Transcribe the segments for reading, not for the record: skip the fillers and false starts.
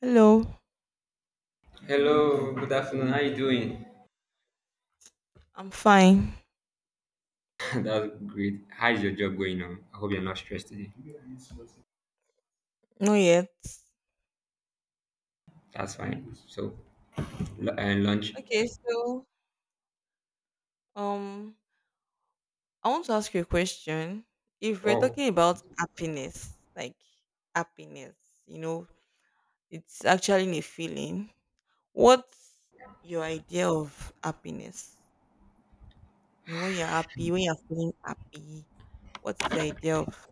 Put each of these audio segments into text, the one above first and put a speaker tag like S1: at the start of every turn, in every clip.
S1: Hello,
S2: Hello, good afternoon. How you doing?
S1: I'm fine.
S2: That's great. How is your job going on? I hope you're not stressed today.
S1: Not yet.
S2: That's fine. So, lunch.
S1: Okay, so um, I want to ask you a question. If we're
S2: Oh,
S1: talking about happiness, like happiness, you know, it's actually a feeling. What's your idea of happiness? You know, when you're happy, when you're feeling happy, what is the idea of?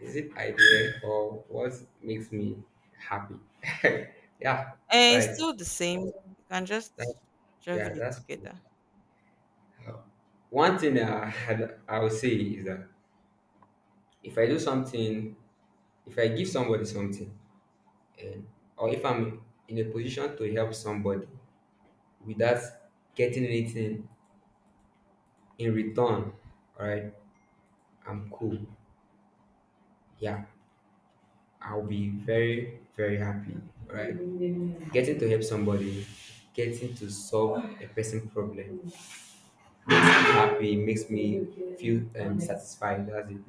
S2: is it idea or what makes me happy? Yeah. All
S1: It's
S2: right.
S1: still the same. You can
S2: That's,
S1: just juggle
S2: yeah,
S1: it
S2: that's cool.
S1: together.
S2: Uh, One thing that I had, I would say is that if I do something, if I give somebody something, and or if I'm in a position to help somebody without getting anything in return, all right, I'm cool. Yeah, I'll be very, very happy. Right? Getting to help somebody, getting to solve a person's problem, happy makes me feel satisfied. That's it.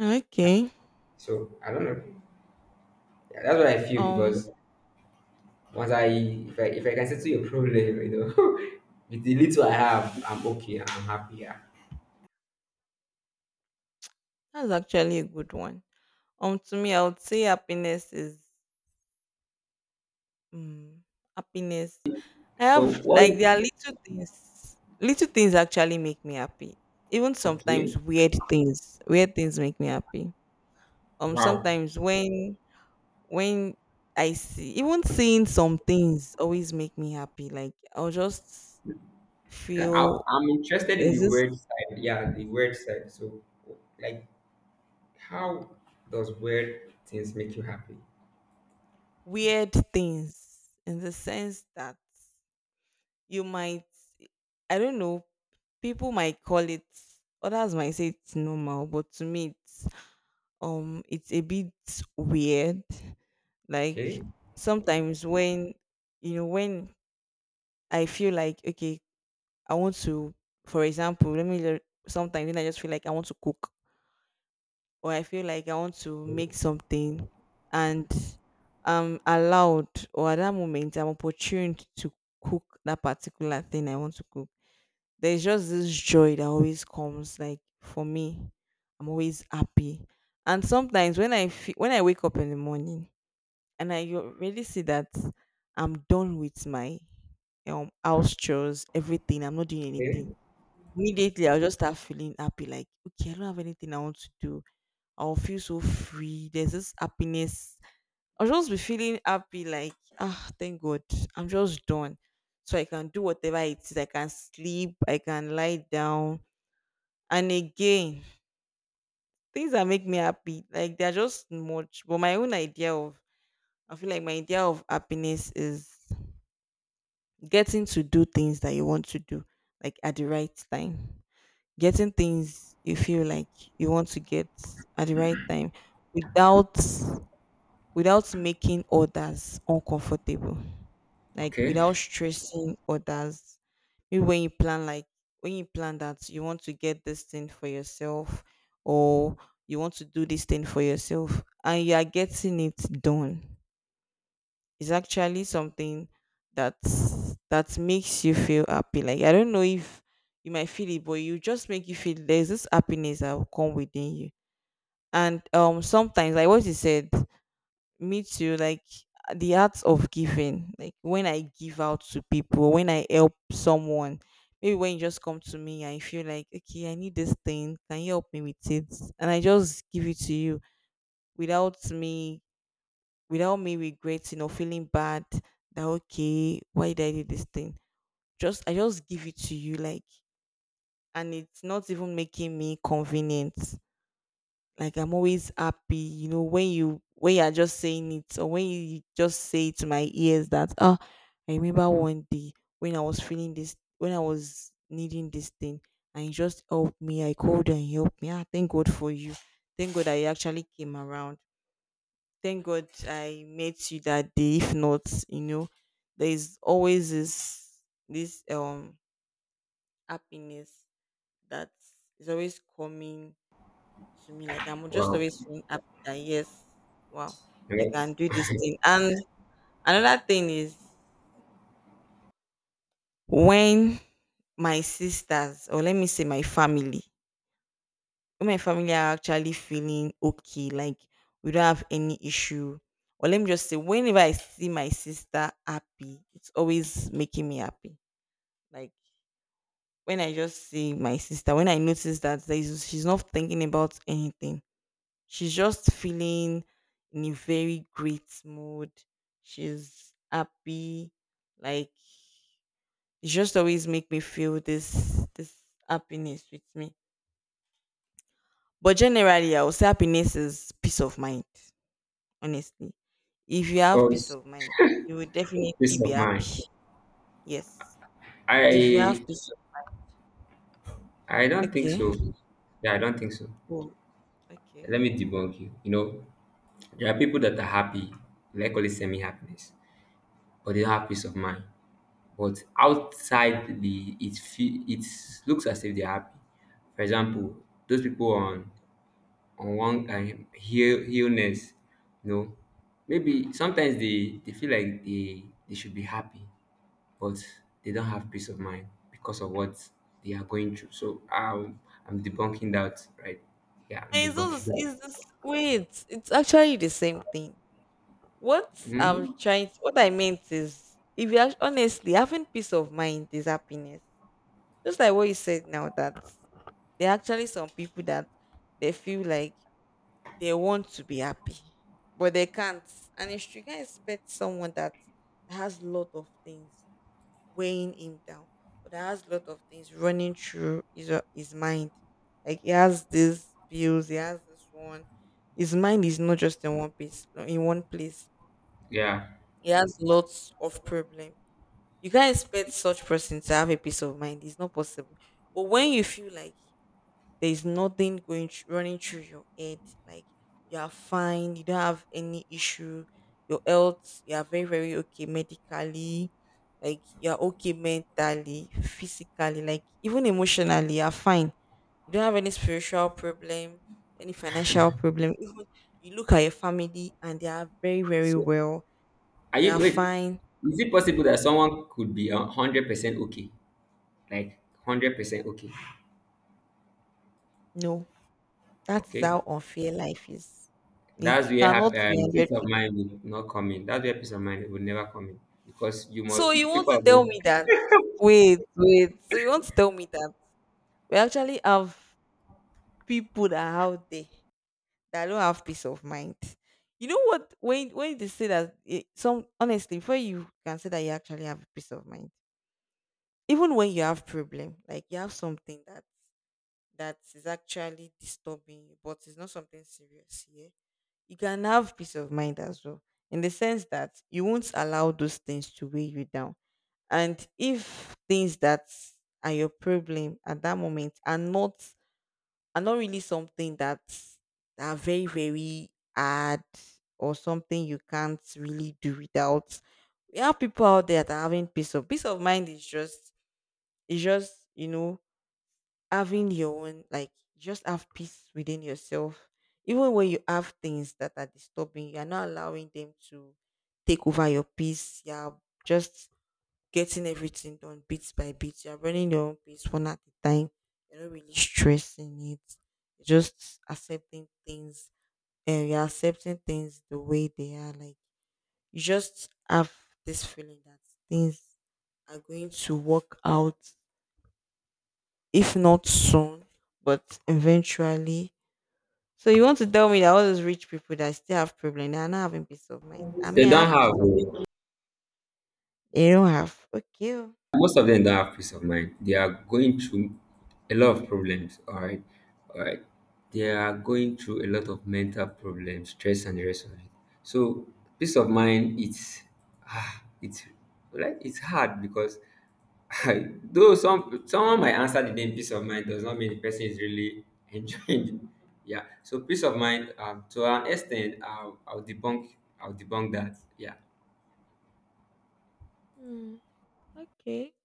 S1: Okay.
S2: So I don't know. Yeah, that's what I feel
S1: Um,
S2: because once I, if I, if I can settle your problem, with the little I have, I'm okay. I'm happy. Yeah.
S1: that's actually a good one. To me, I would say happiness is mm, happiness. I
S2: So
S1: have
S2: what?
S1: like there are little things. Little things actually make me happy. Even sometimes
S2: Okay.
S1: weird things. Weird things make me happy.
S2: Wow.
S1: Sometimes when when I see even seeing some things always make me happy. Like I'll just
S2: I,
S1: feel
S2: I'm interested in
S1: there's
S2: the
S1: this
S2: word side. Yeah, the word side. So, like, how does weird things make you happy?
S1: weird things in the sense that you might I don't know people might call it others might say it's normal but to me it's a bit weird like
S2: Okay,
S1: sometimes when you know when I feel like okay I want to for example sometimes when I just feel like I want to cook or I feel like I want to make something and I'm allowed or at that moment I'm opportuned to cook that particular thing I want to cook there's just this joy that always comes like for me I'm always happy and sometimes when when I wake up in the morning and really see that I'm done with my house chores everything I'm not doing
S2: okay,
S1: anything immediately I'll just start feeling happy like okay I don't have anything I want to do I'll feel so free there's this happiness I'll just be feeling happy like ah thank god I'm just done so I can do whatever it is I can sleep I can lie down and again, things that make me happy, like they're just much. But my own idea of, I feel like my idea of happiness is getting to do things that you want to do, like at the right time. Getting things you feel like you want to get at the right time without making others uncomfortable. Like
S2: okay.
S1: without stressing others. Maybe when you plan like when you plan that you want to get this thing for yourself or you want to do this thing for yourself and you are getting it done. It's actually something that that makes you feel happy. Like I don't know if you might feel it, but you just make you feel there's this happiness that will come within you. And sometimes like what you said, me too like the art of giving like when I give out to people when I help someone maybe when you just come to me and you feel like okay I need this thing can you help me with it and I just give it to you without me regretting or feeling bad that okay why did I do this thing just I just give it to you like and it's not even making me convenient. Like I'm always happy, you know, when you are just saying it or when you just say to my ears that oh I remember one day when I was feeling this when I was needing this thing and you just helped me. I called and you helped me. Ah, thank God for you. Thank God I actually came around. Thank God I met you that day. If not, you know, there is always this happiness that is always coming to me. Like I'm just
S2: Wow.
S1: always feeling happy that yes, wow, I
S2: Hello.
S1: can do this thing. And another thing is when my sisters, or let me say my family, when my family are actually feeling okay, like we don't have any issue. Or let me just say, whenever I see my sister happy, it's always making me happy. Like when I just see my sister, when I notice that there is, she's not thinking about anything, she's just feeling in a very great mood. She's happy. Like it just always make me feel this happiness with me. But generally I would say happiness is peace of mind, honestly. If you
S2: Oh,
S1: have peace
S2: it's
S1: of mind, you will definitely
S2: peace
S1: be
S2: of
S1: happy.
S2: mind.
S1: Yes. If you have
S2: I
S1: peace
S2: I
S1: of
S2: don't think
S1: okay.
S2: so. Yeah, I don't think so.
S1: Cool. Okay.
S2: Let me debunk you. You know, there are people that are happy, like call it semi happiness, but they don't have peace of mind. But outside it looks as if they're happy. For example, those people on one heal illness, you know, maybe sometimes they feel like they should be happy, but they don't have peace of mind because of what they are going through. So I'm debunking that, right? Yeah, I'm
S1: And it's
S2: debunking
S1: also
S2: that.
S1: it's this wait, it's actually the same thing.
S2: Mhm.
S1: What I meant is, if you are honestly having peace of mind is happiness. Just like what you said now, that there are actually some people that they feel like they want to be happy, but they can't. And if you can expect someone that has a lot of things weighing him down, or that has a lot of things running through his mind, like he has these bills, he has this one. His mind is not just in one place,
S2: Yeah,
S1: he has lots of problem. You can't expect such person to have a peace of mind. It's not possible. But when you feel like there is nothing running through your head, like you are fine, you don't have any issue, your health, you are very very okay medically, like you are okay mentally, physically, like even emotionally, you are fine. You don't have any spiritual problem, any financial problem. Even you look at your family and they are very very
S2: so
S1: well.
S2: are
S1: They are
S2: you wait,
S1: fine.
S2: is it possible that someone could be a 100% okay, like 100% okay?
S1: No, that is
S2: Okay,
S1: how unfair life is. You
S2: that's
S1: you
S2: where
S1: cannot be 100.
S2: peace of mind will not come in. That's where peace of mind will never come in because you must
S1: So you want
S2: people
S1: to
S2: are.
S1: tell me that? Wait, wait. So you want to tell me that we actually have people that are out there that don't have peace of mind. You know what? When they say that, eh, some honestly, before you can say that you actually have peace of mind, even when you have problem, like you have something that is actually disturbing you, but it's not something serious. Yeah. You can have peace of mind as well in the sense that you won't allow those things to weigh you down and if things that are your problem at that moment are not really something that are very very hard or something you can't really do without we have people out there that are having peace of mind is just you know having your own like just have peace within yourself even when you have things that are disturbing you are not allowing them to take over your peace you are just getting everything done bit by bit you are running your own pace one at a time you're not really stressing it you're just accepting things and you're accepting things the way they are like you just have this feeling that things are going to work out if not soon, but eventually. So you want to tell me that all those rich people that still have problem, they are not having peace of mind. I
S2: They
S1: mean, I
S2: don't
S1: have peace
S2: have,
S1: of mind. They don't have. Okay. Oh.
S2: most of them don't have peace of mind. They are going through a lot of problems, all right? All right. They are going through a lot of mental problems, stress, and the rest of it. So, peace of mind, it's, ah, it's like, it's hard because though someone might answer the name peace of mind does not mean the person is really enjoying it. Yeah. So peace of mind, to an extent, I'll debunk that. Yeah.
S1: Hmm, okay.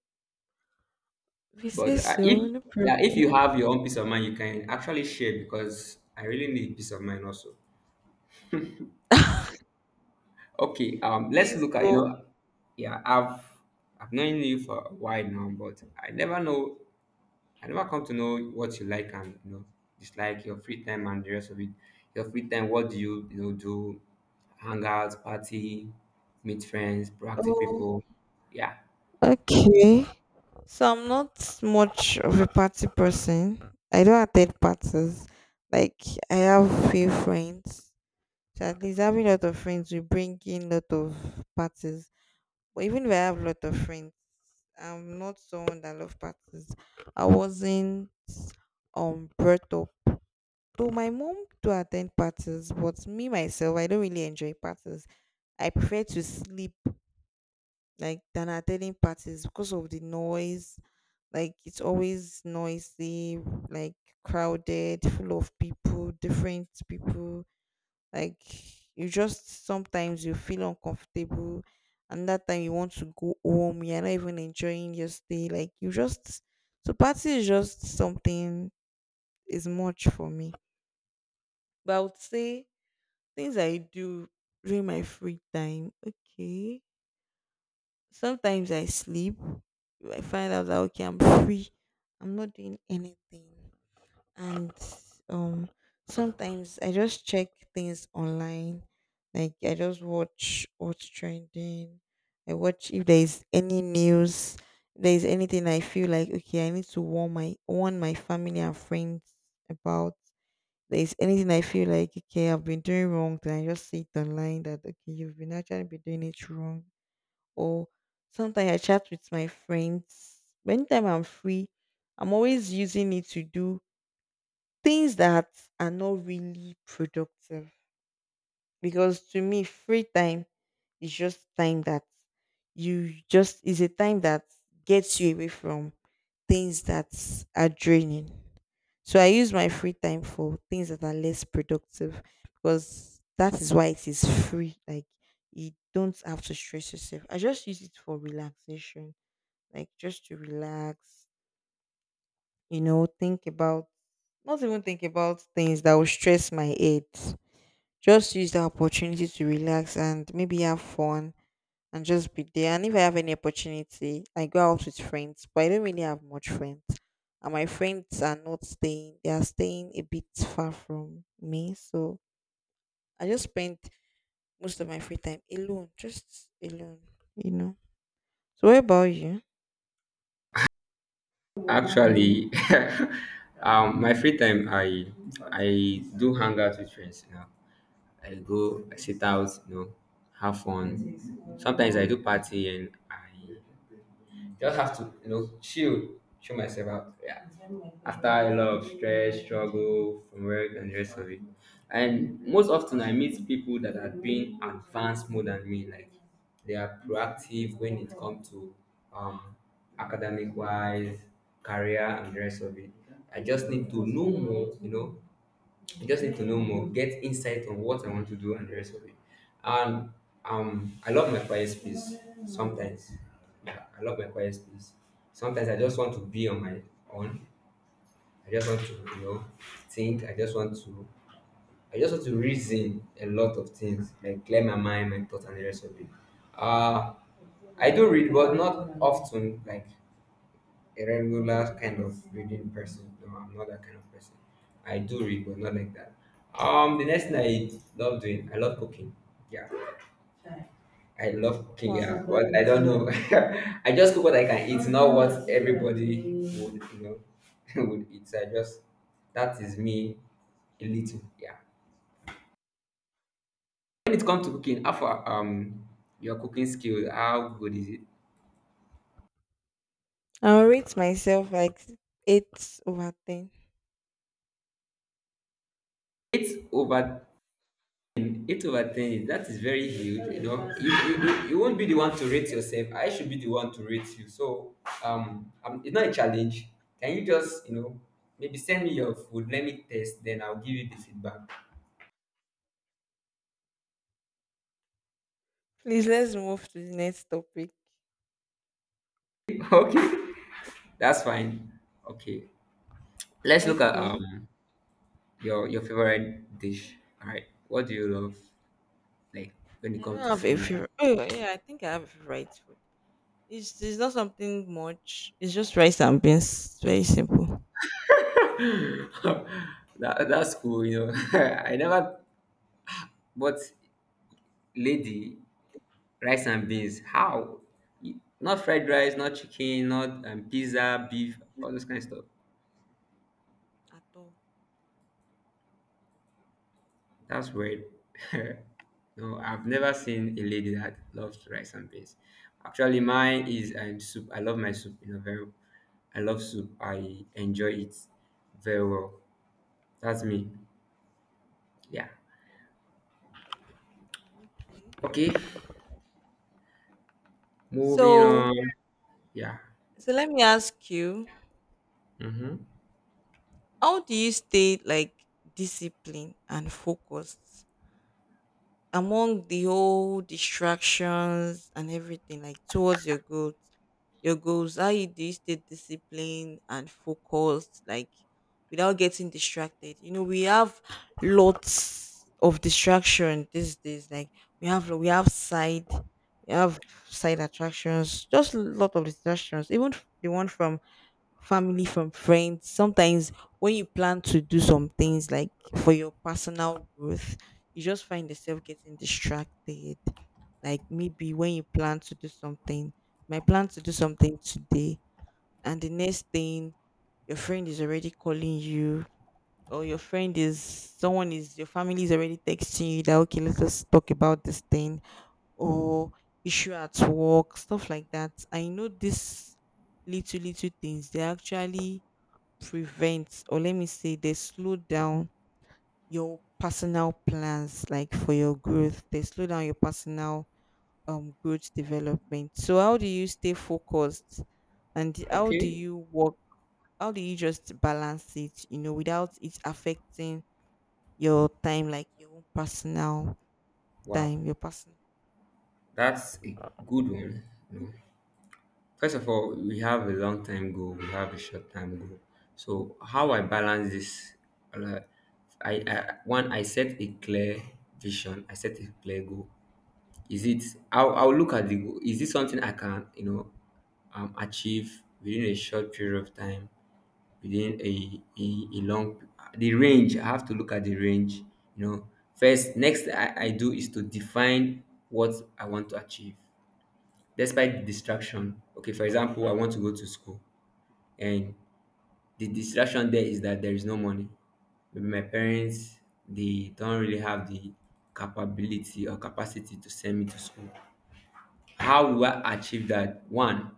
S1: We say
S2: But uh,
S1: so.
S2: if
S1: No
S2: yeah, if
S1: problem.
S2: you have your own peace of mind, you can actually share because I really need peace of mind also. Okay, let's
S1: Please
S2: look at, you
S1: go.
S2: know, yeah, I've known you for a while now, but I never come to know what you like and, you know, dislike your free time and the rest of it. Your free time, what do you, you know, do? Hangouts, party, meet friends, proactive
S1: Oh,
S2: people. Yeah,
S1: okay. So I'm not much of a party person. I don't attend parties. Like I have few friends. So at least having a lot of friends will bring in lot of parties. But even if I have a lot of friends, I'm not someone that love parties. I wasn't brought up. Though my mom do attend parties, but me myself, I don't really enjoy parties. I prefer to sleep like than attending parties because of the noise. Like it's always noisy, like crowded, full of people, different people. Like you just sometimes you feel uncomfortable, and that time you want to go home. You're not even enjoying your stay. Like you just so party is just something is much for me. But I would say things I do during my free time. Okay, sometimes I sleep. I find out that okay, I'm free. I'm not doing anything. And um sometimes I just check things online like I just watch what's trending I watch if there's any news if there's anything I feel like okay I need to warn my family and friends about there's anything I feel like okay I've been doing wrong then I just see it online that okay you've been actually been doing it wrong or sometimes I chat with my friends anytime I'm free I'm always using it to do things that are not really productive because to me free time is just time that you just is a time that gets you away from things that are draining so I use my free time for things that are less productive because that is why it is free like you don't have to stress yourself I just use it for relaxation like just to relax you know, think about, not even think about things that will stress my head. Just use the opportunity to relax and maybe have fun and just be there. And if I have any opportunity, I go out with friends, but I don't really have much friends. And my friends are not staying, they are staying a bit far from me. So I just spend most of my free time alone, just alone, you know. So, what about you?
S2: actually, my free time, I do hang out with friends. You know, I go, I sit out, you know, have fun. Sometimes I do party and I just have to, you know, chill myself out. Yeah. After a lot of stress, struggle from work and the rest of it. And most often I meet people that have been advanced more than me. Like they are proactive when it comes to um academic wise, career and the rest of it. I just need to know more, you know, I just need to know more, get insight on what I want to do and the rest of it. And I love my quiet space sometimes. Yeah, I love my quiet space. Sometimes I just want to be on my own. I just want to, you know, think. I just want to reason a lot of things, like clear my mind, my thoughts, and the rest of it. Uh, I do read, but not often. Like a regular kind of reading person. No, I'm not that kind of person. I do read, but not like that. The next thing I love doing, I love cooking. Yeah, I love
S1: Oh,
S2: cooking.
S1: wow.
S2: Yeah, but I don't know. I just cook what I can eat, not what everybody would, you know, would eat. So I just that is me a little. Yeah. When it comes to cooking, how far your cooking skill, how good is it?
S1: I'll rate myself like 8 over 10.
S2: It's over eight over ten is that is very huge. You know, you you won't be the one to rate yourself. I should be the one to rate you. So it's not a challenge. Can you just, you know, maybe send me your food? Let me test. Then I'll give you the feedback.
S1: Please let's move to the next topic.
S2: Okay, that's fine. Okay, let's look at
S1: Okay.
S2: your favorite dish. All right, what do you love like when it
S1: I don't
S2: comes to
S1: have a
S2: food?
S1: favorite. Oh yeah, I think I have a favorite food. It's not something much. It's just rice and beans. It's very simple.
S2: That's cool. You know, I never bought lady. Rice and beans how you- not fried rice, not chicken, not pizza, beef, all those kind of stuff?
S1: At all.
S2: That's weird. No, I've never seen a lady that loves rice and beans. Actually mine is soup. I love my soup, you know, very I love soup. I enjoy it very well. That's me. Yeah.
S1: Okay.
S2: Okay, moving
S1: So
S2: on. Yeah.
S1: so let me ask you,
S2: Mm-hmm.
S1: how do you stay, like, disciplined and focused among the whole distractions and everything, like towards your goals, your goals, how you do you stay disciplined and focused, like without getting distracted? You know, we have lots of distraction these days, like we have we have side we have side attractions, just a lot of distractions, even the one from family, from friends, sometimes, when you plan to do some things like for your personal growth, you just find yourself getting distracted. Like maybe when you plan to do something, my plan to do something today, and the next thing, your friend is already calling you, or your friend is someone is your family is already texting you that, okay, let us talk about this thing, or issue at work, stuff like that. I know these little little things, they actually prevent, or let me say they slow down your personal plans, like for your growth, they slow down your personal growth development. So how do you stay focused, and
S2: Okay,
S1: how do you just balance it, you know, without it affecting your time, like your own personal
S2: wow,
S1: time, your personal
S2: that's a good one. No. First of all, we have a long time goal, we have a short time goal. So how I balance this, like, I set a clear vision, I set a clear goal. Is it I'll look at the goal. Is this something I can, you know, achieve within a short period of time, within a long the range. I have to look at the range. You know, first next I do is to define what I want to achieve despite the distraction. Okay, for example, I want to go to school, and the distraction there is that there is no money. Maybe my parents, they don't really have the capability or capacity to send me to school. How do I achieve that? One,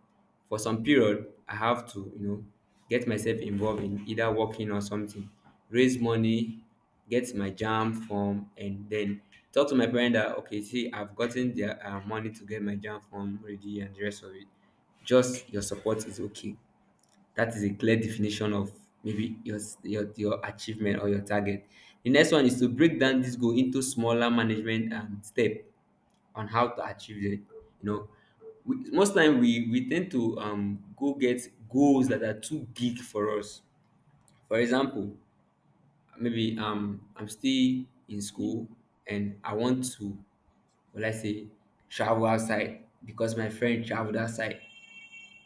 S2: for some period, I have to, you know, get myself involved in either working or something, raise money, get my jam form, and then talk to my parent that okay, see, I've gotten the money to get my jam form ready and the rest of it. Just your support is okay. That is a clear definition of maybe your achievement or your target. The next one is to break down this goal into smaller management step on how to achieve it, you know, we, most time we tend to go get goals that are too big for us. For example, maybe I'm still in school and I want to, will I say, travel outside because my friend traveled outside,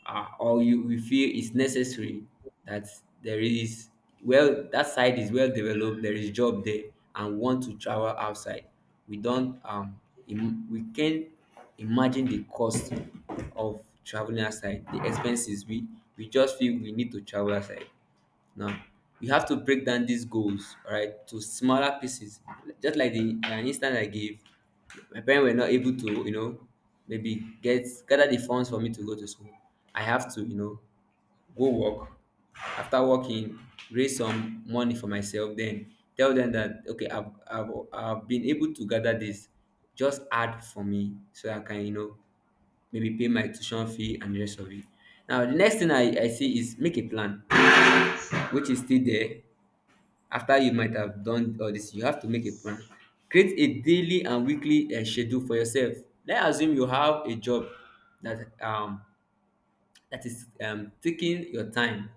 S2: or you, we feel it's necessary that there is well that side is well developed, there is job there, and want to travel outside. We don't we can imagine the cost of traveling outside, the expenses. We just feel we need to travel outside. Now we have to break down these goals, all right, to smaller pieces. Just like the an instance I gave, my parents were not able to, you know, maybe get gather the funds for me to go to school. I have to, you know, go work. After working, raise some money for myself, then tell them that okay, I've been able to gather this. Just add for me so I can, you know, maybe pay my tuition fee and the rest of it. Now the next thing I see is make a plan, which is still there. After you might have done all this, you have to make a plan, create a daily and weekly schedule for yourself. Let's assume you have a job that um that is taking your time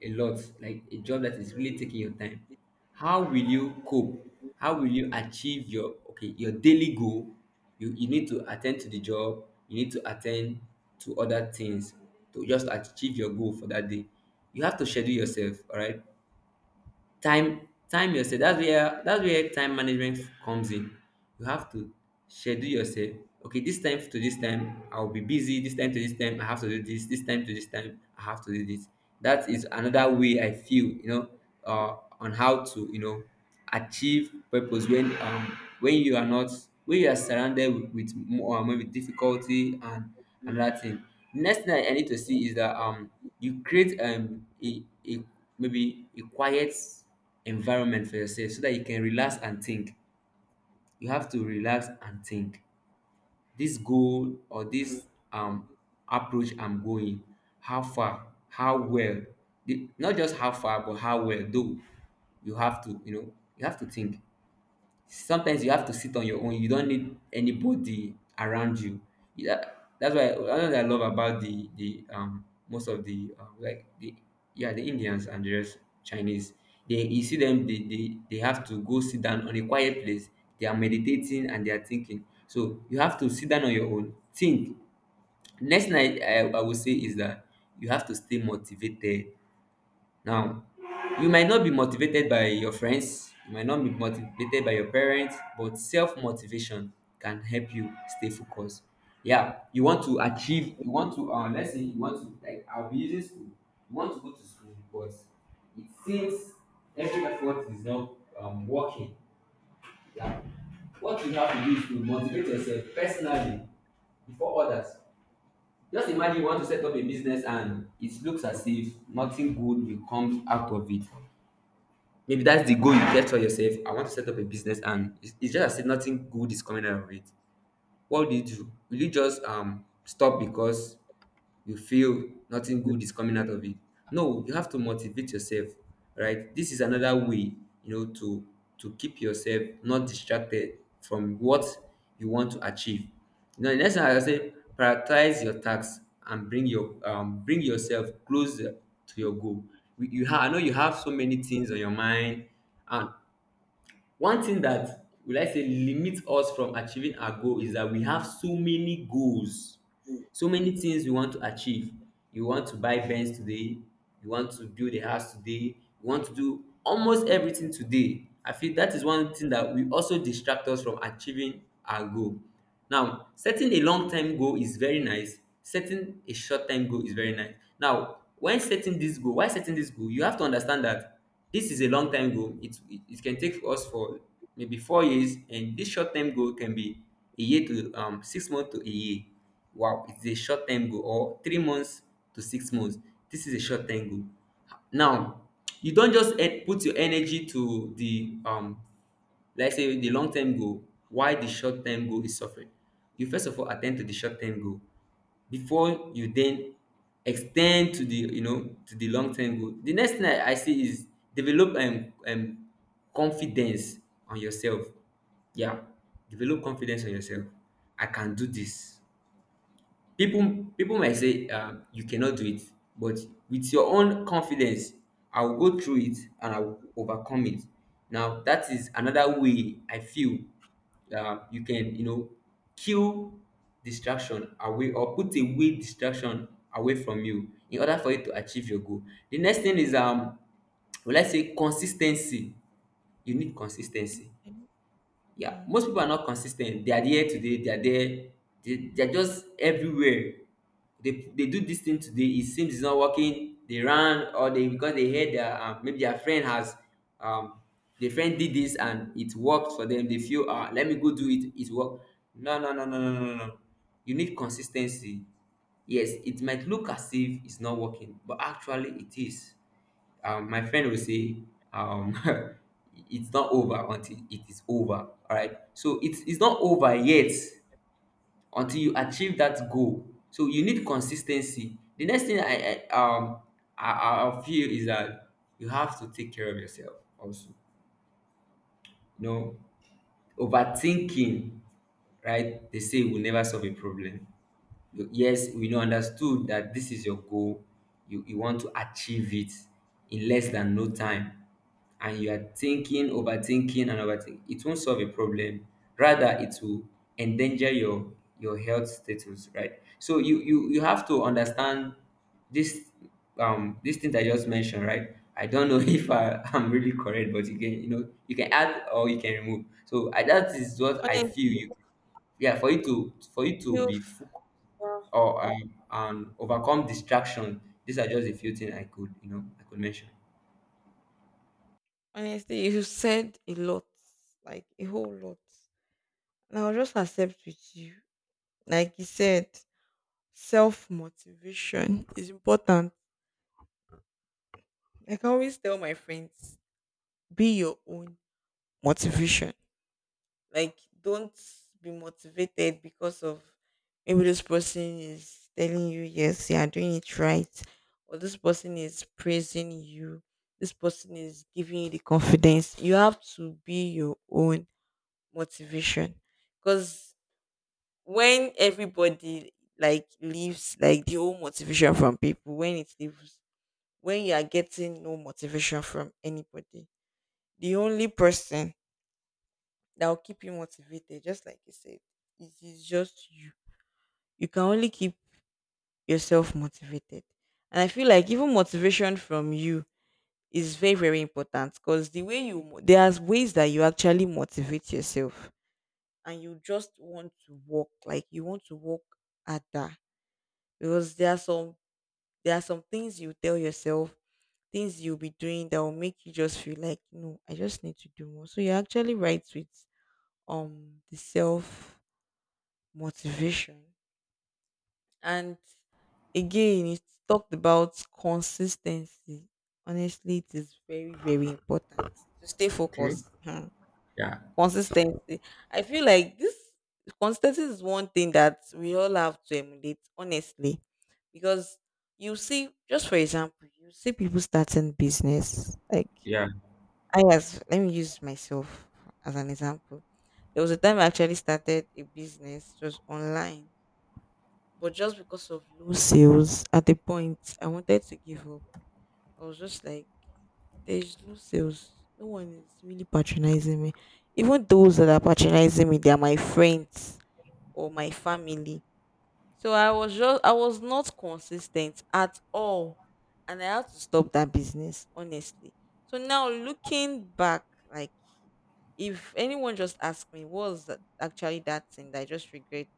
S2: a lot, like a job that is really taking your time. How will you cope? How will you achieve your, okay, your daily goal? You need to attend to the job, you need to attend to other things, to just achieve your goal for that day. You have to schedule yourself, all right? Time yourself. That's where time management comes in. You have to schedule yourself. Okay, this time to this time I'll be busy, this time to this time I have to do this, this time to this time I have to do this. That is another way I feel, you know, on how to, you know, achieve purpose when you are not when you are surrounded with more maybe difficulty. And another thing, next thing I need to see is that you create a maybe a quiet environment for yourself so that you can relax and think. You have to relax and think this goal, or this um approach I'm going, how far, how well, not just how far but how well though. You have to, you know, you have to think. Sometimes you have to sit on your own. You don't need anybody around you. Yeah, that's why another thing I love about the most of the like the, yeah, the Indians and the rest, Chinese. They, you see them, they have to go sit down on a quiet place. They are meditating and they are thinking. So you have to sit down on your own. Think. Next thing I will say is that you have to stay motivated. Now, you might not be motivated by your friends, you might not be motivated by your parents, but self-motivation can help you stay focused. Yeah, you want to achieve, you want to let's say you want to, like, I'll be using school, you want to go to school, but it seems every effort is not working. Yeah, what you have to do is to motivate yourself personally before others. Just imagine you want to set up a business and it looks as if nothing good will come out of it. Maybe that's the goal you get for yourself. I want to set up a business, and it's just as if nothing good is coming out of it. What would you do? Will you just stop because you feel nothing good is coming out of it? No, you have to motivate yourself, right? This is another way, you know, to keep yourself not distracted from what you want to achieve. Now, the next one I say, prioritize your tasks and bring your bring yourself closer to your goal. You I know you have so many things on your mind, and one thing that, will I say, limit us from achieving our goal is that we have so many goals, so many things we want to achieve. You want to buy Benz today, you want to build a house today, you want to do almost everything today. I feel that is one thing that will also distract us from achieving our goal. Now, setting a long time goal is very nice. Setting a short time goal is very nice. Now, when setting this goal, why setting this goal? You have to understand that this is a long time goal. It can take us for maybe 4 years, and this short term goal can be a year to 6 months to a year. Wow, it's a short term goal, or 3 months to 6 months. This is a short term goal. Now, you don't just put your energy to the let's say the long term goal. Why the short term goal is suffering? You first of all attend to the short term goal before you then extend to the, you know, to the long term goal. The next thing I say is develop confidence on yourself. Yeah, develop confidence on yourself. I can do this. People might say you cannot do it, but with your own confidence, I will go through it and I will overcome it. Now that is another way I feel you can, you know, kill distraction away, or put away distraction away from you in order for you to achieve your goal. The next thing is will I say consistency. You need consistency.
S1: time?
S2: Yeah,
S1: Mhm.
S2: most people are not consistent. They are there today. They are there. They are just everywhere. They do this thing today. It seems it's not working. They ran, or they, because they heard their maybe their friend has um their friend did this and it worked for them. They feel, ah, let me go do it. It worked. No, no, no, no, no, no, no, no. You need consistency. Yes, it might look as if it's not working, but actually it is. My friend will say um, it's not over until it is over. All right, so it's not over yet until you achieve that goal. So you need consistency. The next thing I feel is that you have to take care of yourself also, you know. Overthinking, right, they say will never solve a problem. Yes, we know, understood that this is your goal, you want to achieve it in less than no time, and you are thinking, overthinking, and overthinking, it won't solve a problem. Rather, it will endanger your health status, right? So you have to understand this this thing that I just mentioned, right? I don't know if I am really correct, but you can, you know, you can add or you can remove. So I, that is what I feel.
S1: honestly
S2: You, yeah, for you to, for you to
S1: you
S2: be
S1: uh,
S2: or overcome distraction. These are just a few things I could, you know, I could mention.
S1: honestly, you said a lot, like a whole lot, and I'll just accept with you. Like you said, self motivation is important. Like, I can always tell my friends, be your own motivation. Like, don't be motivated because, of maybe this person is telling you, yes, you are doing it right, or this person is praising you, this person is giving you the confidence. You have to be your own motivation. Because when everybody, like, leaves, like the whole motivation from people, when it leaves, when you are getting no motivation from anybody, the only person that will keep you motivated, just like you said, is just you. You can only keep yourself motivated. And I feel like even motivation from you is very, very important, because the way there are ways that you actually motivate yourself, and you just want to walk, like you want to walk at that, because there are some, things you tell yourself, things you'll be doing that will make you just feel like, no, I just need to do more. So you're actually right with the self motivation. And again, it's talked about consistency. Honestly, it is very, very important to stay
S2: Okay.
S1: focused. Hmm.
S2: Yeah.
S1: Consistency, I feel like this consistency is one thing that we all have to emulate, honestly. Because you see, just for example, you see people starting business, like
S2: Yeah.
S1: I as let me use myself as an example. There was a time I actually started a business just online, but just because of low sales at the point I wanted to give up. I was just like, there's low sales. No one is really patronizing me. Even those that are patronizing me, they are my friends or my family. So I was not consistent at all. And I had to stop that business, honestly. So now, looking back, like, if anyone just asks me what was actually that thing that I just regret,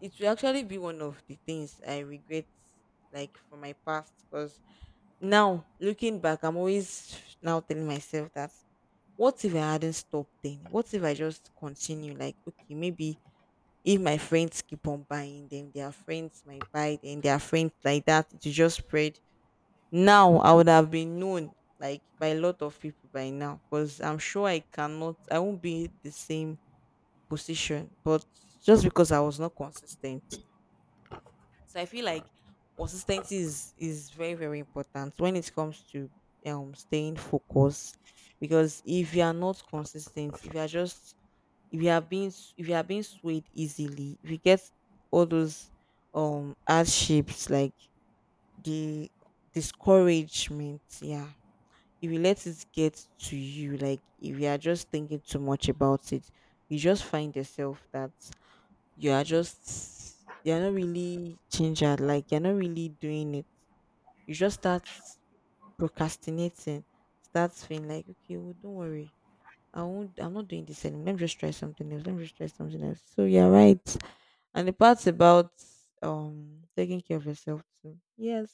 S1: it will actually be one of the things I regret, like from my past. Because now, looking back, I'm always now telling myself that, what if I hadn't stopped then? What if I just continue? Like, okay, maybe if my friends keep on buying them, their friends might buy them, their friends like that, it will just spread. Now I would have been known like by a lot of people by now, because I'm sure I won't be the same position, but just because I was not consistent. So I feel like consistency is very, very important when it comes to staying focused. Because if you are not consistent, if you are being s- if you are being swayed easily, if you get all those hardships, like the discouragement, yeah. If you let it get to you, like if you are just thinking too much about it, you just find yourself that you are just you're not really gingered, like you're not really doing it. You just start procrastinating, start feeling like, okay, well, don't worry. I'm not doing this anymore. Let me just try something else. Let me just try something else. So you're right. And the part about taking care of yourself too. Yes,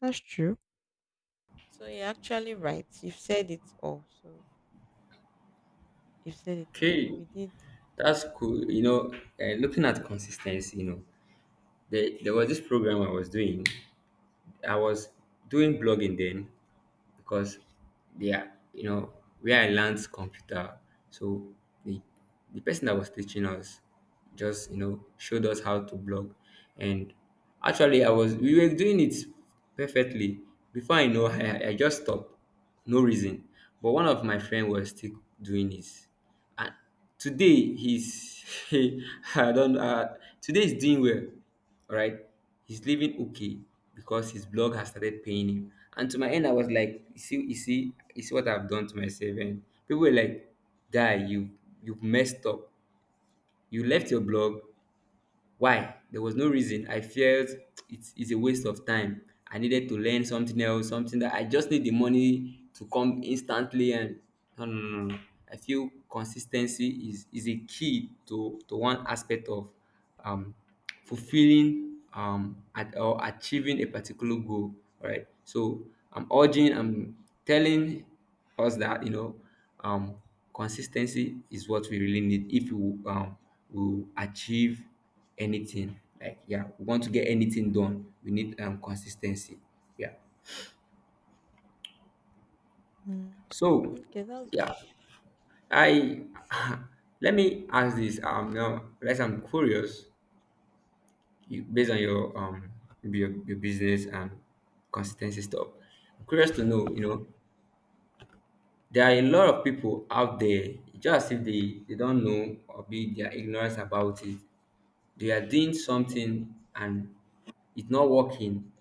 S1: that's true. So you're actually right. You've said it all. So you've said it all.
S2: Okay.
S1: You did.
S2: That's cool. You know, looking at consistency, you know, there was this program I was doing. I was doing blogging then because they are, you know, where I learned computer. So the the person that was teaching us just, you know, showed us how to blog. And actually, I was we were doing it perfectly. Before I know, I just stopped, no reason. But one of my friend was still doing it. And today he's I don't today he's doing well. All right, he's living okay because his blog has started paying him. And to my end, I was like, you see, you see, you see what I've done to myself. And people were like, guy, you messed up. You left your blog, why? There was no reason. I felt it's a waste of time. I needed to learn something else, something that I just need the money to come instantly. And no, no, no, no. I feel consistency is a key to one aspect of um, fulfilling or achieving a particular goal. All right. So I'm urging, I'm telling us that, you know, um, consistency is what we really need if we um, will achieve anything. Like, yeah, we want to get anything done. We need consistency. Yeah.
S1: Mm.
S2: So
S1: Okay, that's
S2: yeah, I let me ask this. Now, unless I'm curious, you, based on your your business and consistency stuff, I'm curious to know. You know, there are a lot of people out there, just if they don't know or be their ignorance about it. They are doing something and it's not working,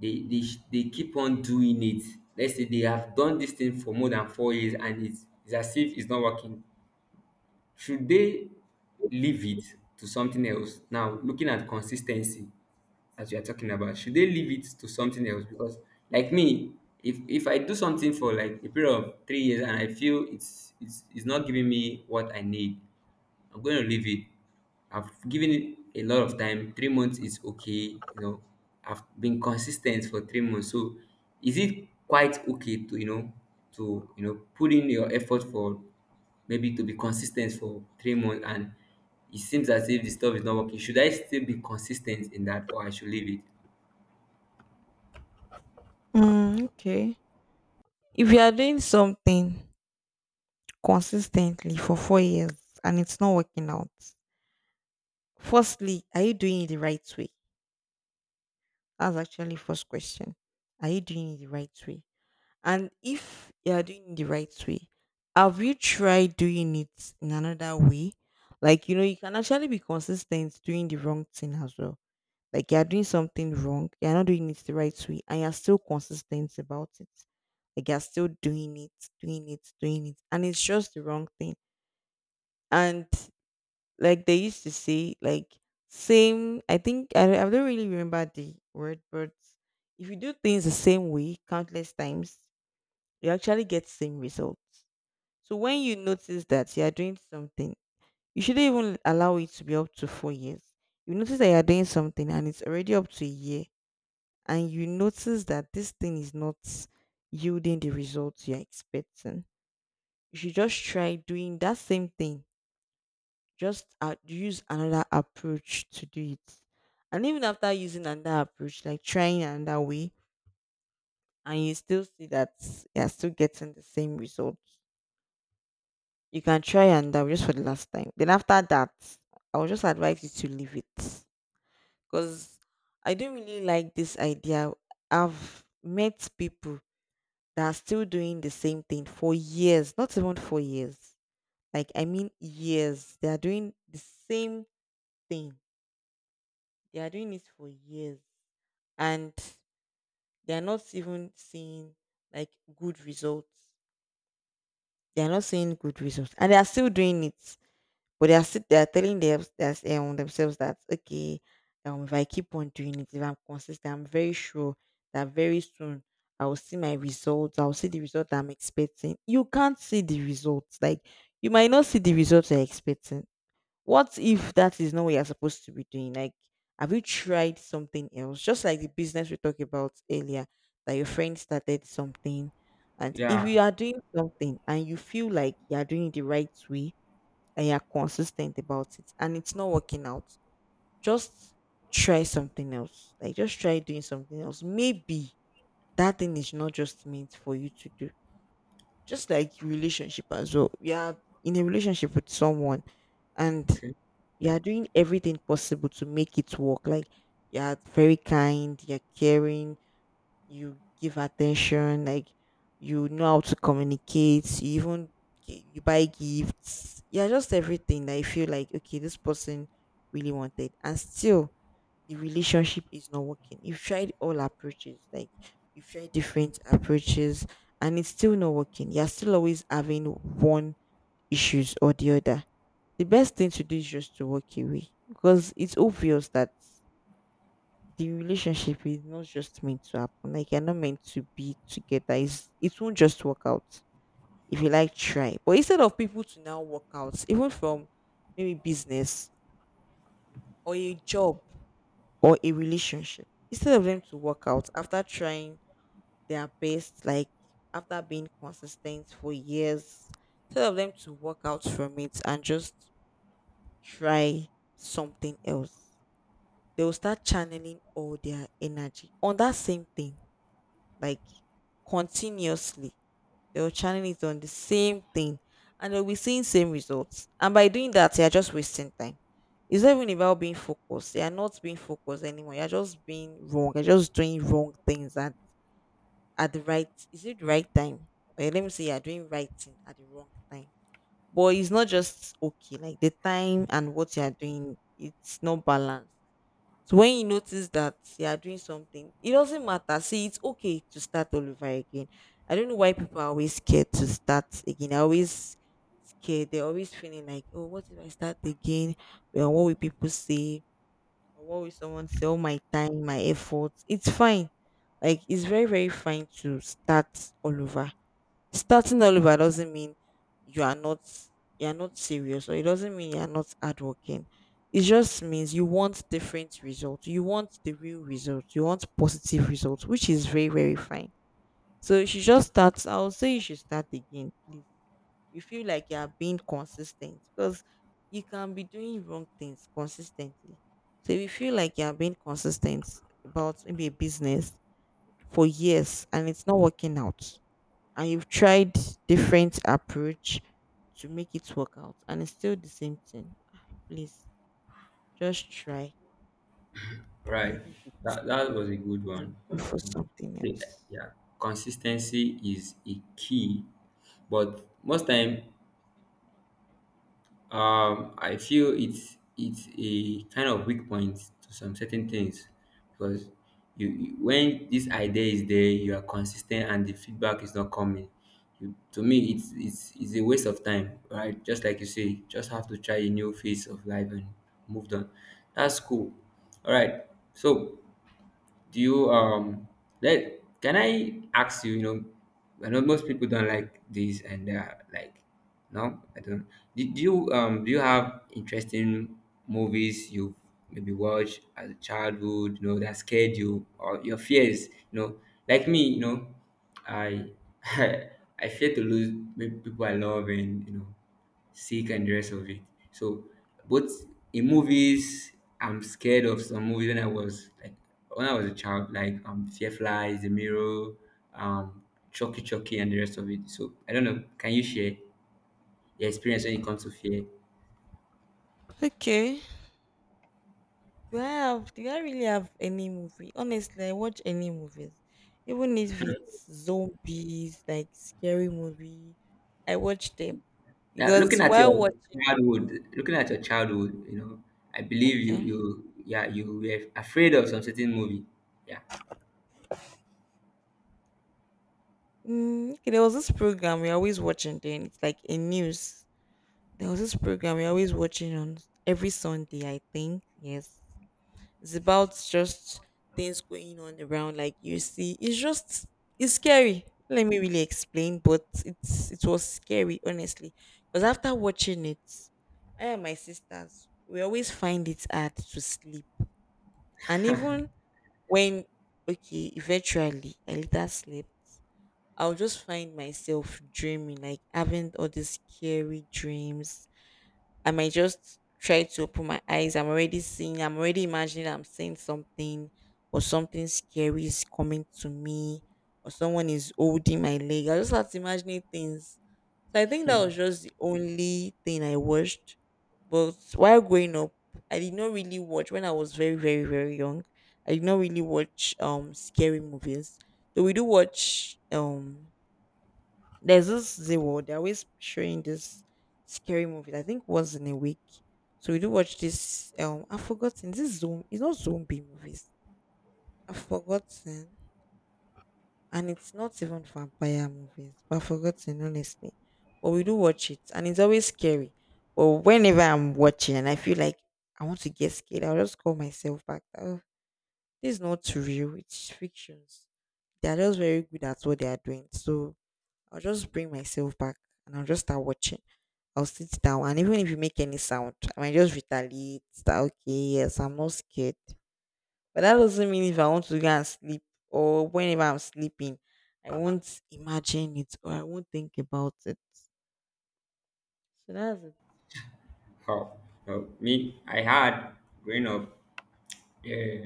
S2: they keep on doing it. Let's say they have done this thing for more than 4 years, and it's as if it's not working. Should they leave it to something else? Now, looking at consistency as we are talking about, should they leave it to something else? Because like me, if I do something for like a period of 3 years and I feel it's not giving me what I need, I'm going to leave it. I've given it a lot of time. 3 months is okay. You know, I've been consistent for 3 months. So is it quite okay to, you know, put in your effort for maybe to be consistent for 3 months and it seems as if the stuff is not working. Should I still be consistent in that, or I should leave it?
S1: okay. If you are doing something consistently for 4 years and it's not working out. Firstly, are you doing it the right way? That's actually first question. Are you doing it the right way? And if you are doing it the right way, have you tried doing it in another way? Like, you know, you can actually be consistent doing the wrong thing as well. Like, you are doing something wrong, you are not doing it the right way, and you are still consistent about it. Like you are still doing it, doing it, doing it, and it's just the wrong thing. And like they used to say, like, same. I think I don't really remember the word, but if you do things the same way countless times, you actually get same results. So when you notice that you are doing something, you shouldn't even allow it to be up to 4 years. You notice that you are doing something and it's already up to a year, and you notice that this thing is not yielding the results you are expecting. You should just try doing that same thing, just use another approach to do it. And even after using another approach, like trying another way, and you still see that you're still getting the same result, you can try another way just for the last time. Then after that, I would just advise you to leave it, because I don't really like this idea. I've met people that are still doing the same thing for years, not even for years. Like, I mean, years. They are doing the same thing, they are doing it for years, and they're not even seeing, like, good results. They're not seeing good results, and they are still doing it, but they are telling them, that, themselves, that, okay, if I keep on doing it, if I'm consistent, I'm very sure that very soon I will see my results. I will see the result that I'm expecting. You can't see the results, like you might not see the results you're expecting. What if that is not what you're supposed to be doing? Like, have you tried something else? Just like the business we talked about earlier, that your friend started something. And if
S2: Yeah.
S1: you are doing something and you feel like you are doing it the right way, and you're consistent about it, and it's not working out, just try something else. Like, just try doing something else. Maybe that thing is not just meant for you to do. Just like relationship as well. You are in a relationship with someone, and
S2: Okay.
S1: you are doing everything possible to make it work. Like, you are very kind, you're caring, you give attention, like you know how to communicate, you even you buy gifts. Yeah, just everything that you feel like, okay, this person really wanted. And still the relationship is not working. You've tried all approaches, like you've tried different approaches, and it's still not working. You're still always having one issues or the other. The best thing to do is just to walk away, because it's obvious that the relationship is not just meant to happen. Like, you're not meant to be together. It won't just work out if you like try. But instead of people to now work out, even from, maybe, business or a job or a relationship, instead of them to work out after trying their best, like after being consistent for years, instead of them to work out from it and just try something else, they will start channeling all their energy on that same thing, like continuously. They will channel it on the same thing, and they'll be seeing same results. And by doing that, they are just wasting time. It's not even about being focused. They are not being focused anymore. You're just being wrong. You're just doing wrong things at the right, is it the right time? Or let me say you're doing right thing at the wrong time. But it's not just okay. Like the time and what you're doing, it's not balanced. So when you notice that you are doing something, it doesn't matter. See, it's okay to start all over again. I don't know why people are always scared to start again. I always scared. They're always feeling like, oh, what if I start again? Well, what will people say? Or what will someone say? All my time, my efforts. It's fine. Like it's very, very fine to start all over. Starting all over doesn't mean you are not you are not serious, or it doesn't mean you are not hardworking. It just means you want different results. You want the real results. You want positive results, which is very, very fine. So you should just start. I would say you should start again, please. You feel like you are being consistent, because you can be doing wrong things consistently. So if you feel like you are being consistent about maybe a business for years and it's not working out, and you've tried different approach to make it work out and it's still the same thing ah, please just try and
S2: Right.
S1: leave it
S2: That, that was a good one.
S1: and go for something
S2: The-
S1: else.
S2: Yeah. Consistency is a key, but most time, I feel it's a kind of weak point to some certain things because you, when this idea is there, you are consistent and the feedback is not coming. You, to me, it's a waste of time, right? Just like you say, just have to try a new phase of life and moved on. That's cool. All right. So do you let, can I ask you, you know, I know most people don't like this and they're like, no, I don't. Do you do you have interesting movies you maybe watch as a childhood, you know, that scared you or your fears, you know, like me, you know, I I fear to lose maybe people I love and you know sick and the rest of it. So, but in movies, I'm scared of some movies when I was like when I was a child, like Firefly, The Mirror, um, Chucky Chucky, and the rest of it. So I don't know. Can you share your experience when it comes to fear?
S1: Okay, do I have, do I really have any movie? Honestly, I watch any movies. Even if it's zombies, like scary movie, I watch them,
S2: Now, looking
S1: because
S2: at
S1: while
S2: your
S1: watching,
S2: childhood, looking at your childhood, I believe you
S1: okay.
S2: you yeah, you were afraid of some certain movie. Yeah.
S1: Mm, okay, there was this program we always watching then. It's like a news. There was this program we're always watching on every Sunday, I think. Yes. It's about just things going on around. Like you see, it's just it's scary. Let me really explain, but it's it was scary, honestly. Because after watching it, I and my sisters, we always find it hard to sleep. And even when okay, eventually I later slept, I'll just find myself dreaming, like having all these scary dreams. I might just try to open my eyes. I'm already seeing, I'm already imagining I'm seeing something, or something scary is coming to me, or someone is holding my leg. I just start imagining things. So I think that was just the only thing I watched. But while growing up, I did not really watch when I was very, very, very young. I did not really watch scary movies. Though we do watch there's this Zewo. They're always showing this scary movies. I think once in a week. So we do watch this. I've forgotten. This zoom. It's not zombie movies. I've forgotten, and it's not even vampire movies. But I've forgotten honestly. But we do watch it, and it's always scary. But whenever I'm watching, and I feel like I want to get scared, I'll just call myself back. Oh, this is not real. It's fictions. They are just very good at what they are doing. So I'll just bring myself back and I'll just start watching. I'll sit down, and even if you make any sound, I might just retaliate that okay, yes, I'm not scared. But that doesn't mean if I want to go and sleep or whenever I'm sleeping, I won't imagine it or I won't think about it. So that's it.
S2: How? So, me, I had growing up. Yeah,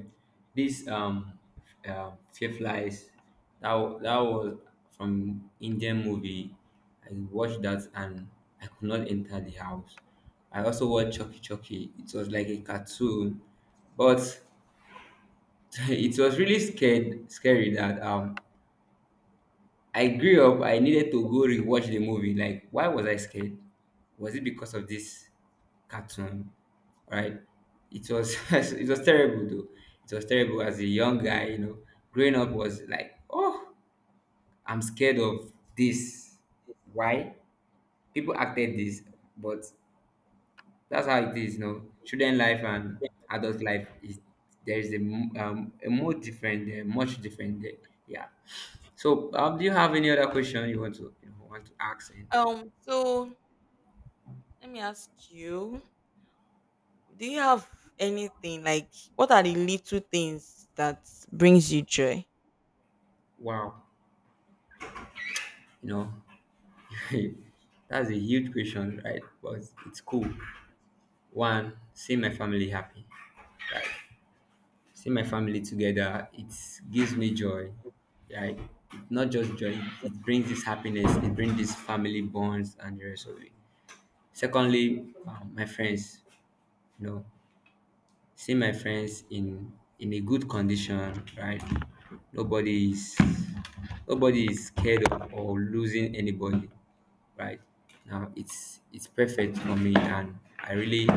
S2: this Fear Flies, that was from Indian movie. I watched that and I could not enter the house. I also watched Chucky Chucky. It was like a cartoon, but it was really scary that I grew up, I needed to go rewatch the movie. Like, why was I scared? Was it because of this cartoon? Right? It was it was terrible though. It was terrible as a young guy, you know. Growing up was like, oh, I'm scared of this. Why? People acted this, but that's how it is, you know. Children life and adult life is there is a more different there, much different there. Yeah. So, do you have any other question you want to ask? And
S1: So let me ask you, do you have anything like what are the little things that brings you joy?
S2: wow, you know, that's a huge question, right? But it's cool. One, see my family happy, right? See my family together. It gives me joy, right? Not just joy. It brings this happiness. It brings this family bonds and the rest of it. Secondly, my friends, you know, see my friends in a good condition, right? Nobody is nobody is scared of or losing anybody, right? Now it's perfect for me, and I really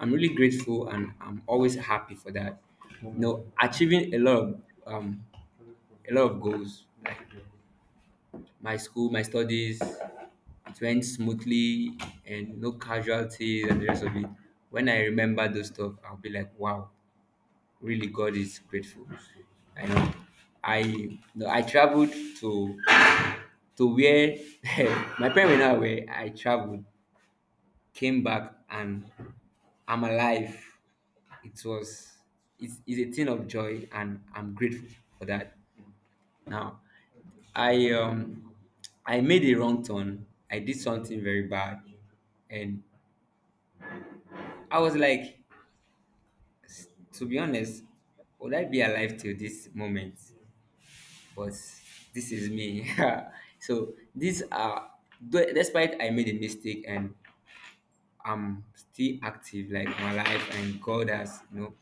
S2: I'm really grateful, and I'm always happy for that. You know, achieving um a lot of goals, my school, my studies, it went smoothly and no casualties and the rest of it. When I remember those stuff, I'll be like, wow, really God is grateful. I know. I no, I traveled to where my parents were not aware. I traveled, came back, and I'm alive. It was it's a thing of joy, and I'm grateful for that. Now, I um I made a wrong turn. I did something very bad, and I was like, to be honest, would I be alive till this moment? But this is me. So these are despite I made a mistake and I'm still active, like my life and God has.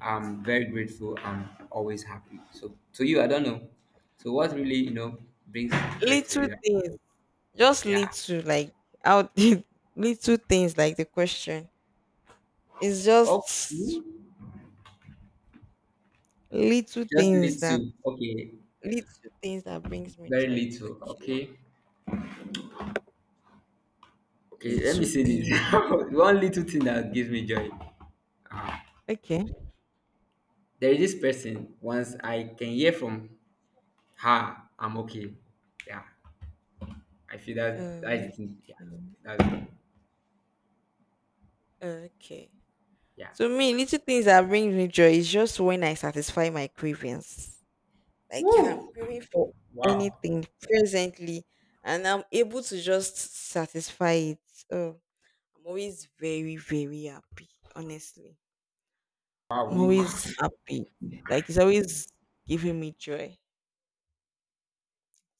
S2: I'm very grateful. I'm always happy. So to you, I don't know. So what really brings joy to
S1: Little
S2: you?
S1: things. Just
S2: Yeah.
S1: little like out. Little things like the question. It's just
S2: Okay.
S1: little
S2: Just
S1: things that
S2: little. Okay.
S1: little things that brings me
S2: Very
S1: joy.
S2: little.
S1: Okay.
S2: Okay. Okay, let me
S1: Little
S2: say this.
S1: things.
S2: One little thing that gives me joy. Uh,
S1: Okay.
S2: there is this person. Once I can hear from her, I'm okay. Yeah, I feel that that's the
S1: Uh,
S2: thing. Yeah,
S1: okay.
S2: that's
S1: Okay.
S2: yeah.
S1: To me, little things that brings me joy is just when I satisfy my cravings. Like if I'm craving for
S2: Wow,
S1: anything presently and I'm able to just satisfy it. Oh, I'm always very, very happy, honestly. I'm
S2: wow, you
S1: always
S2: got
S1: happy. Like it's always giving me joy.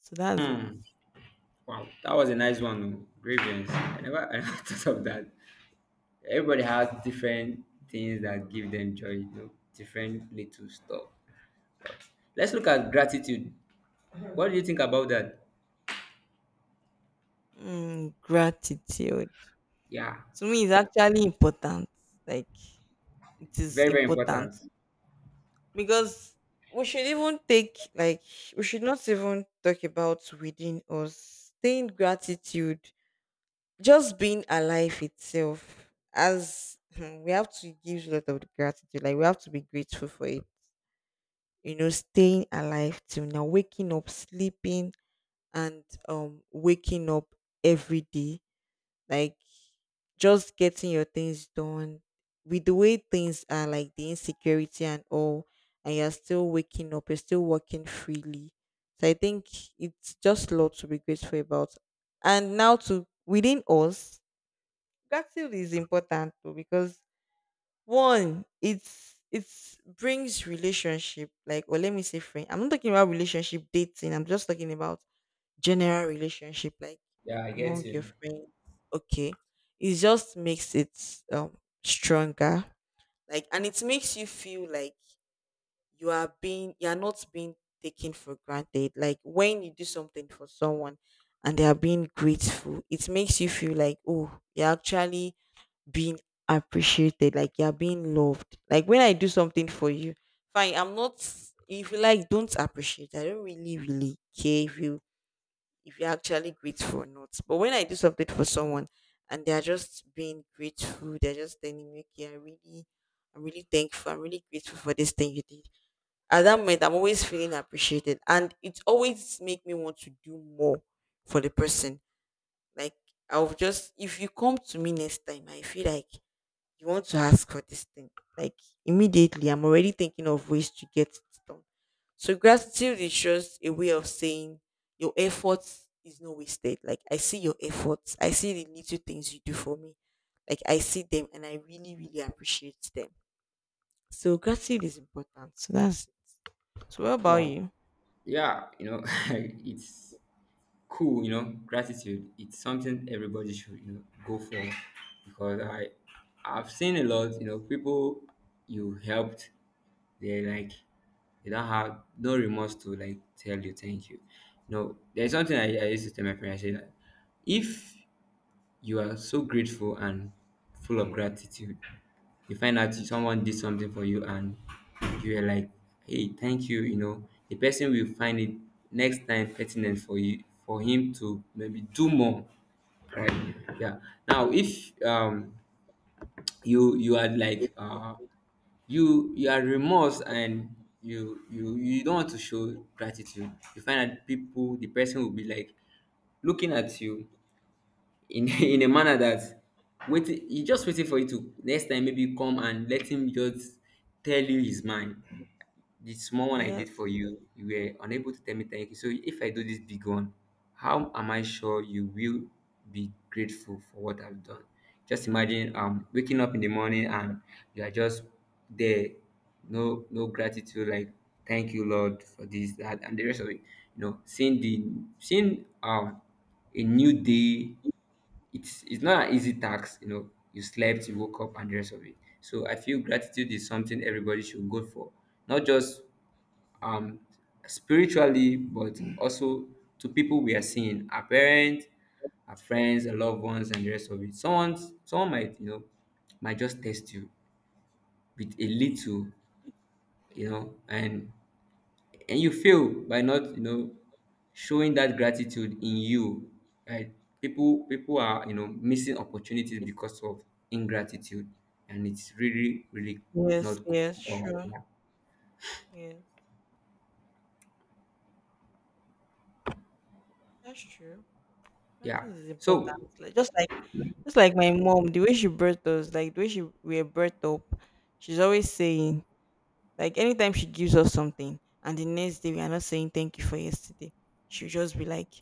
S1: So that's it.
S2: wow. That was a nice one. Oh. Grievance. I never thought of that. Everybody has different things that give them joy. You know, different little stuff. Let's look at gratitude. What do you think about that?
S1: Mm, gratitude
S2: Yeah,
S1: to me is actually important. Like it is
S2: very very
S1: important,
S2: important.
S1: because we should even take like we should not even talk about within us. Saying gratitude, just being alive itself. As hmm, we have to give a lot of gratitude, like we have to be grateful for it. You know, staying alive till now, waking up, sleeping, and waking up every day, like just getting your things done, with the way things are, like the insecurity and all, and you're still waking up, you're still working freely, so I think it's just a lot to be grateful about. And now to within us, gratitude is important too, because one, it's brings relationship, like or let me say friend, I'm not talking about relationship dating, I'm just talking about general relationship, like
S2: Yeah, I get
S1: among your
S2: you.
S1: friends, okay, it just makes it um stronger, like, and it makes you feel like you are being you're not being taken for granted. Like when you do something for someone and they are being grateful, it makes you feel like, oh, you're actually being appreciated, like you're being loved. Like when I do something for you, fine, I'm not, if you like don't appreciate, I don't really really care if you if you're actually grateful or not. But when I do something for someone and they're just being grateful, they're just telling me, okay, I really, I'm really thankful, I'm really grateful for this thing you did. At that moment, I'm always feeling appreciated, and it always make me want to do more for the person. Like I'll just, if you come to me next time, I feel like you want to ask for this thing. Like immediately, I'm already thinking of ways to get it done. So gratitude is just a way of saying your efforts is not wasted. Like I see your efforts, I see the little things you do for me. Like I see them, and I really, really appreciate them. So gratitude is important. So that's. So what about
S2: Wow.
S1: you?
S2: Yeah, it's cool, gratitude. It's something everybody should, go for, because I've seen a lot, people you helped, they're like they don't have no remorse to like tell you thank you. No, there's something I used to tell my parents, I say that if you are so grateful and full of gratitude. You find out someone did something for you and you are like, hey, thank you. The person will find it next time pertinent for you, for him to maybe do more. Right? Yeah. Now if you are like you are remorse and you don't want to show gratitude, you find that people, the person will be like looking at you in in a manner that, waiting, he just waiting for you to next time maybe come and let him just tell you his mind. The small one I did
S1: Yes.
S2: for you, you were unable to tell me thank you. So if I do this big one, how am I sure you will be grateful for what I've done? Just imagine waking up in the morning and you are just there, no, no gratitude, like, thank you Lord for this, that, and the rest of it. You know seeing the seeing um a new day. It's not an easy task, you slept, you woke up, and the rest of it. So I feel gratitude is something everybody should go for, not just um spiritually, but also to people we are seeing, our parents, our friends, our loved ones, and the rest of it. Someone might just test you with a little, you know and and you fail by not, showing that gratitude in you, right? People are, missing opportunities because of ingratitude, and it's really really not
S1: Yes.
S2: cool.
S1: Yes. Sure.
S2: Yeah,
S1: Yes. That's true.
S2: yeah.
S1: Gratitude is important.
S2: So
S1: Like just like Just like my mom, the way she birthed us, like the way she we were birthed up, she's always saying, like anytime she gives us something and the next day we are not saying thank you for yesterday, she'll just be like,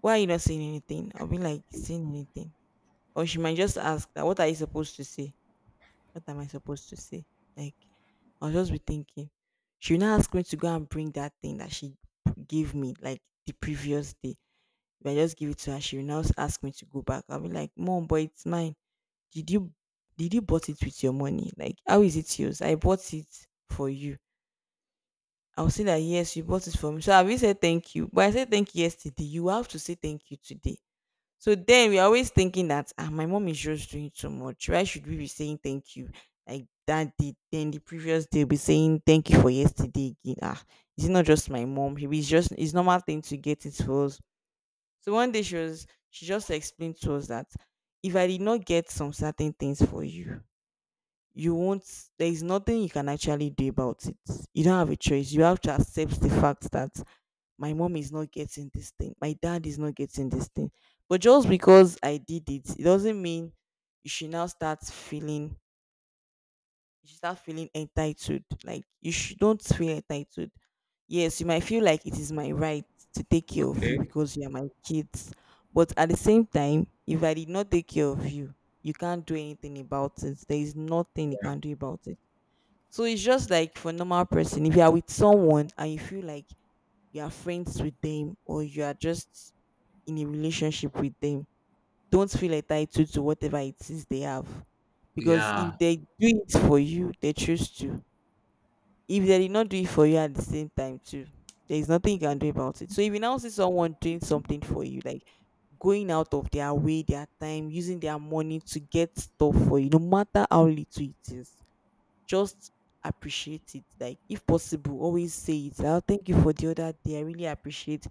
S1: why are you not saying anything? I'll be like, saying anything. Or she might just ask that what are you supposed to say? What am I supposed to say? Like I'll just be thinking. She'll not ask me to go and bring that thing that she gave me like the previous day. If I just give it to her, she will now ask me to go back. I'll be like, Mom, but it's mine. Did you did you bought it with your money? Like how is it yours? I bought it for you. I'll say that yes, you bought it for me. So have you said thank you? But I said thank you yesterday. You have to say thank you today. So then we're always thinking that ah, my mom is just doing too much. Why should we be saying thank you? Like that day, then the previous day will be saying thank you for yesterday again. Ah, it's not just my mom. It's just it's normal thing to get it for us. So one day she was she just explained to us that if I did not get some certain things for you, you won't there is nothing you can actually do about it. You don't have a choice, you have to accept the fact that my mom is not getting this thing, my dad is not getting this thing. But just because I did it, it doesn't mean you should now start feeling you should start feeling entitled. Like you should don't feel entitled. Yes, you might feel like it is my right to take care of you
S2: okay,
S1: because you are my kids, but at the same time, if I did not take care of you, you can't do anything about it. There is nothing you
S2: yeah,
S1: can do about it. So it's just like for normal person, if you are with someone and you feel like you are friends with them or you are just in a relationship with them, don't feel entitled to whatever it is they have. Because
S2: yeah,
S1: if they do it for you, they choose to. If they did not do it for you at the same time too, there is nothing you can do about it. So if you now see someone doing something for you, like going out of their way, their time, using their money to get stuff for you, no matter how little it is, just appreciate it. Like if possible, always say it. I'll thank you for the other day. I really appreciate.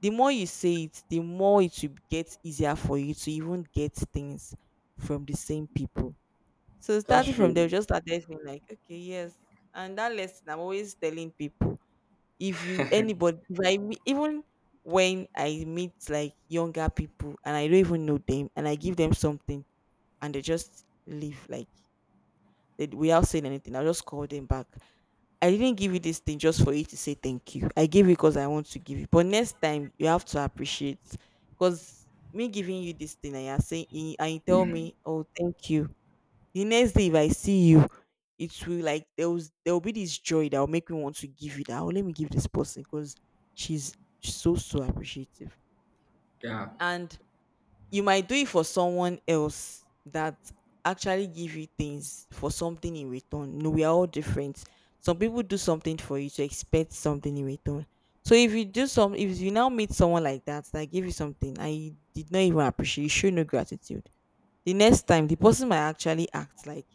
S1: The more you say it, the more it will get easier for you to even get things from the same people. So
S2: that's
S1: starting from there,
S2: true,
S1: just started being like, okay, yes. And that lesson I'm always telling people. If you anybody if I me- Even when I meet like younger people and I don't even know them and I give them something and they just leave like they, without saying anything, I'll just call them back. I didn't give you this thing just for you to say thank you. I gave you because I want to give you. But next time you have to appreciate, because me giving you this thing and you're saying and you tell me, oh, thank you. The next day if I see you, it will like there will be this joy that will make me want to give you that. Oh, let me give this person because she's so appreciative.
S2: yeah.
S1: And you might do it for someone else that actually give you things for something in return. No, we are all different. Some people do something for you to expect something in return. So if you now meet someone like that that give you something and you did not even appreciate, you show no gratitude. The next time, the person might actually act like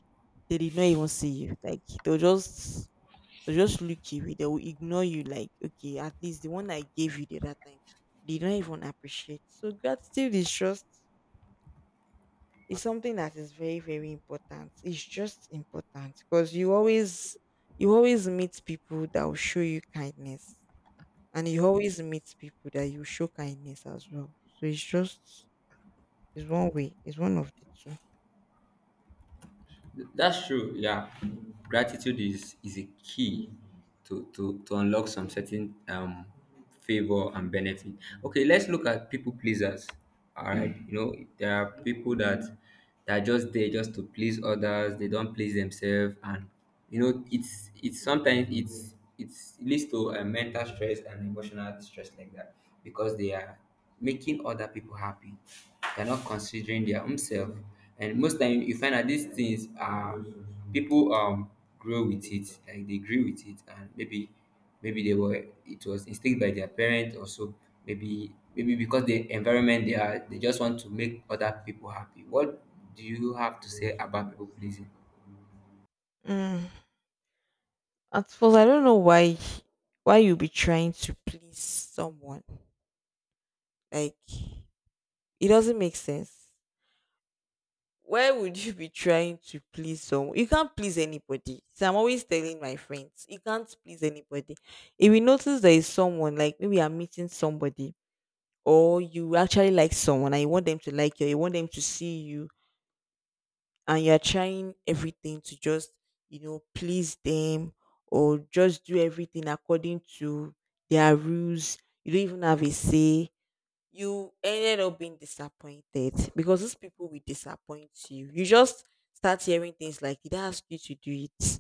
S1: they did not even see you. Like they'll just look you. They will ignore you. Like okay, at least the one I gave you the other time, they don't even appreciate. So gratitude is just it's something that is very, very important. It's just important because you always meet people that will show you kindness. And you always meet people that you show kindness as well. So it's just it's one way. It's one of the two.
S2: That's true. Yeah, gratitude is a key to unlock some certain favor and benefit. Okay, let's look at people pleasers. All right, you know there are people that are just there just to please others. They don't please themselves, and you know it's sometimes it leads to a mental stress and emotional stress like that, because they are making other people happy. They're not considering their own self. And most time you find that these things are people grow with it, like they grew with it, and maybe they were, it was instilled by their parent or so. Maybe because the environment they are, they just want to make other people happy. What do you have to say about people pleasing?
S1: Mm. At first, I don't know why you be trying to please someone. Like it doesn't make sense. Why would you be trying to please someone? You can't please anybody. So I'm always telling my friends, you can't please anybody. If you notice there is someone, like maybe you're meeting somebody, or you actually like someone and you want them to like you, or you want them to see you, and you're trying everything to just, you know, please them or just do everything according to their rules. You don't even have a say. You ended up being disappointed because those people will disappoint you. You just start hearing things like, "Did I ask you to do it?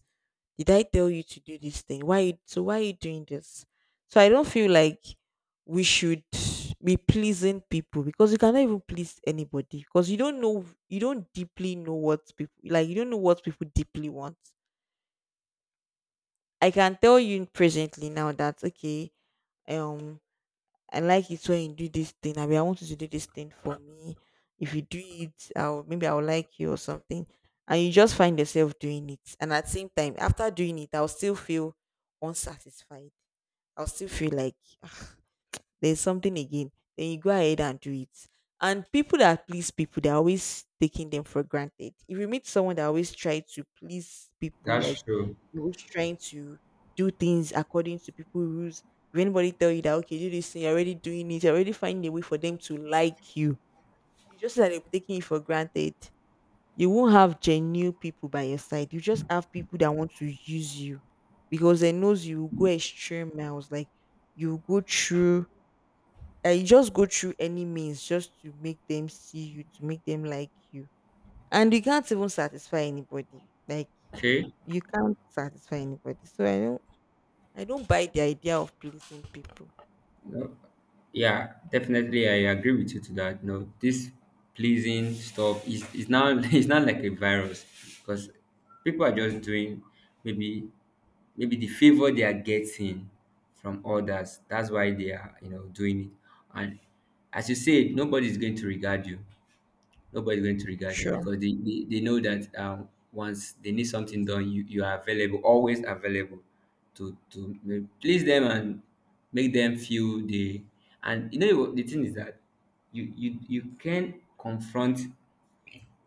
S1: Did I tell you to do this thing? Why? So why are you doing this?" So I don't feel like we should be pleasing people, because you cannot even please anybody because you don't deeply know what people like, you don't know what people deeply want. I can tell you presently now that okay, um I like it when you do this thing. I mean, I want you to do this thing for me. If you do it, I'll maybe I'll like you or something. And you just find yourself doing it. And at the same time, after doing it, I'll still feel unsatisfied. I'll still feel like, "Ah, there's something again," then you go ahead and do it. And people that please people, they're always taking them for granted. If you meet someone that always try to please people, like
S2: That's true.
S1: you're always trying to do things according to people rules. If anybody tell you that okay, do this thing, you're already doing it, you're already finding a way for them to like you. You just that they'll taking it for granted. You won't have genuine people by your side. You just have people that want to use you because they knows you will go extreme miles. Like you will go through that you just go through any means just to make them see you, to make them like you. And you can't even satisfy anybody. Like
S2: Okay.
S1: you can't satisfy anybody. So I don't buy the idea of pleasing people.
S2: No, yeah, definitely, I agree with you to that. No, this pleasing stuff is now it's not like a virus, because people are just doing, maybe, the favor they are getting from others. That's why they are, doing it. And as you said, nobody's going to regard you,
S1: Sure.
S2: because they know that, once they need something done, you are available, always available to please them and make them feel they. And you know, the thing is that you can confront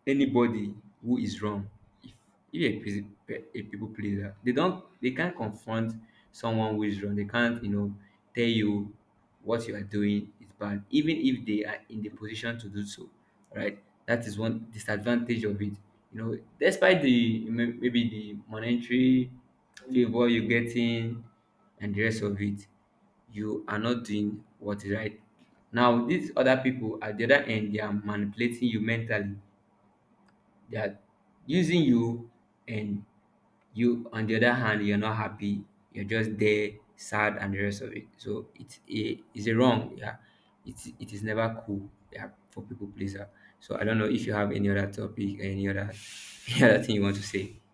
S2: anybody who is wrong. If a people pleaser, they can't confront someone who is wrong. They can't, tell you what you are doing is bad, even if they are in the position to do so, right? That is one disadvantage of it. Despite the maybe the monetary favor you're getting and the rest of it, you are not doing what is right. Now, these other people at the other end, they are manipulating you mentally, they're using you, and you, on the other hand, you're not happy. You're just there, sad, and the rest of it. So it's a wrong. Yeah, it is never cool. Yeah, for people pleaser. So I don't know if you have any other topic, any other any other thing you want to say.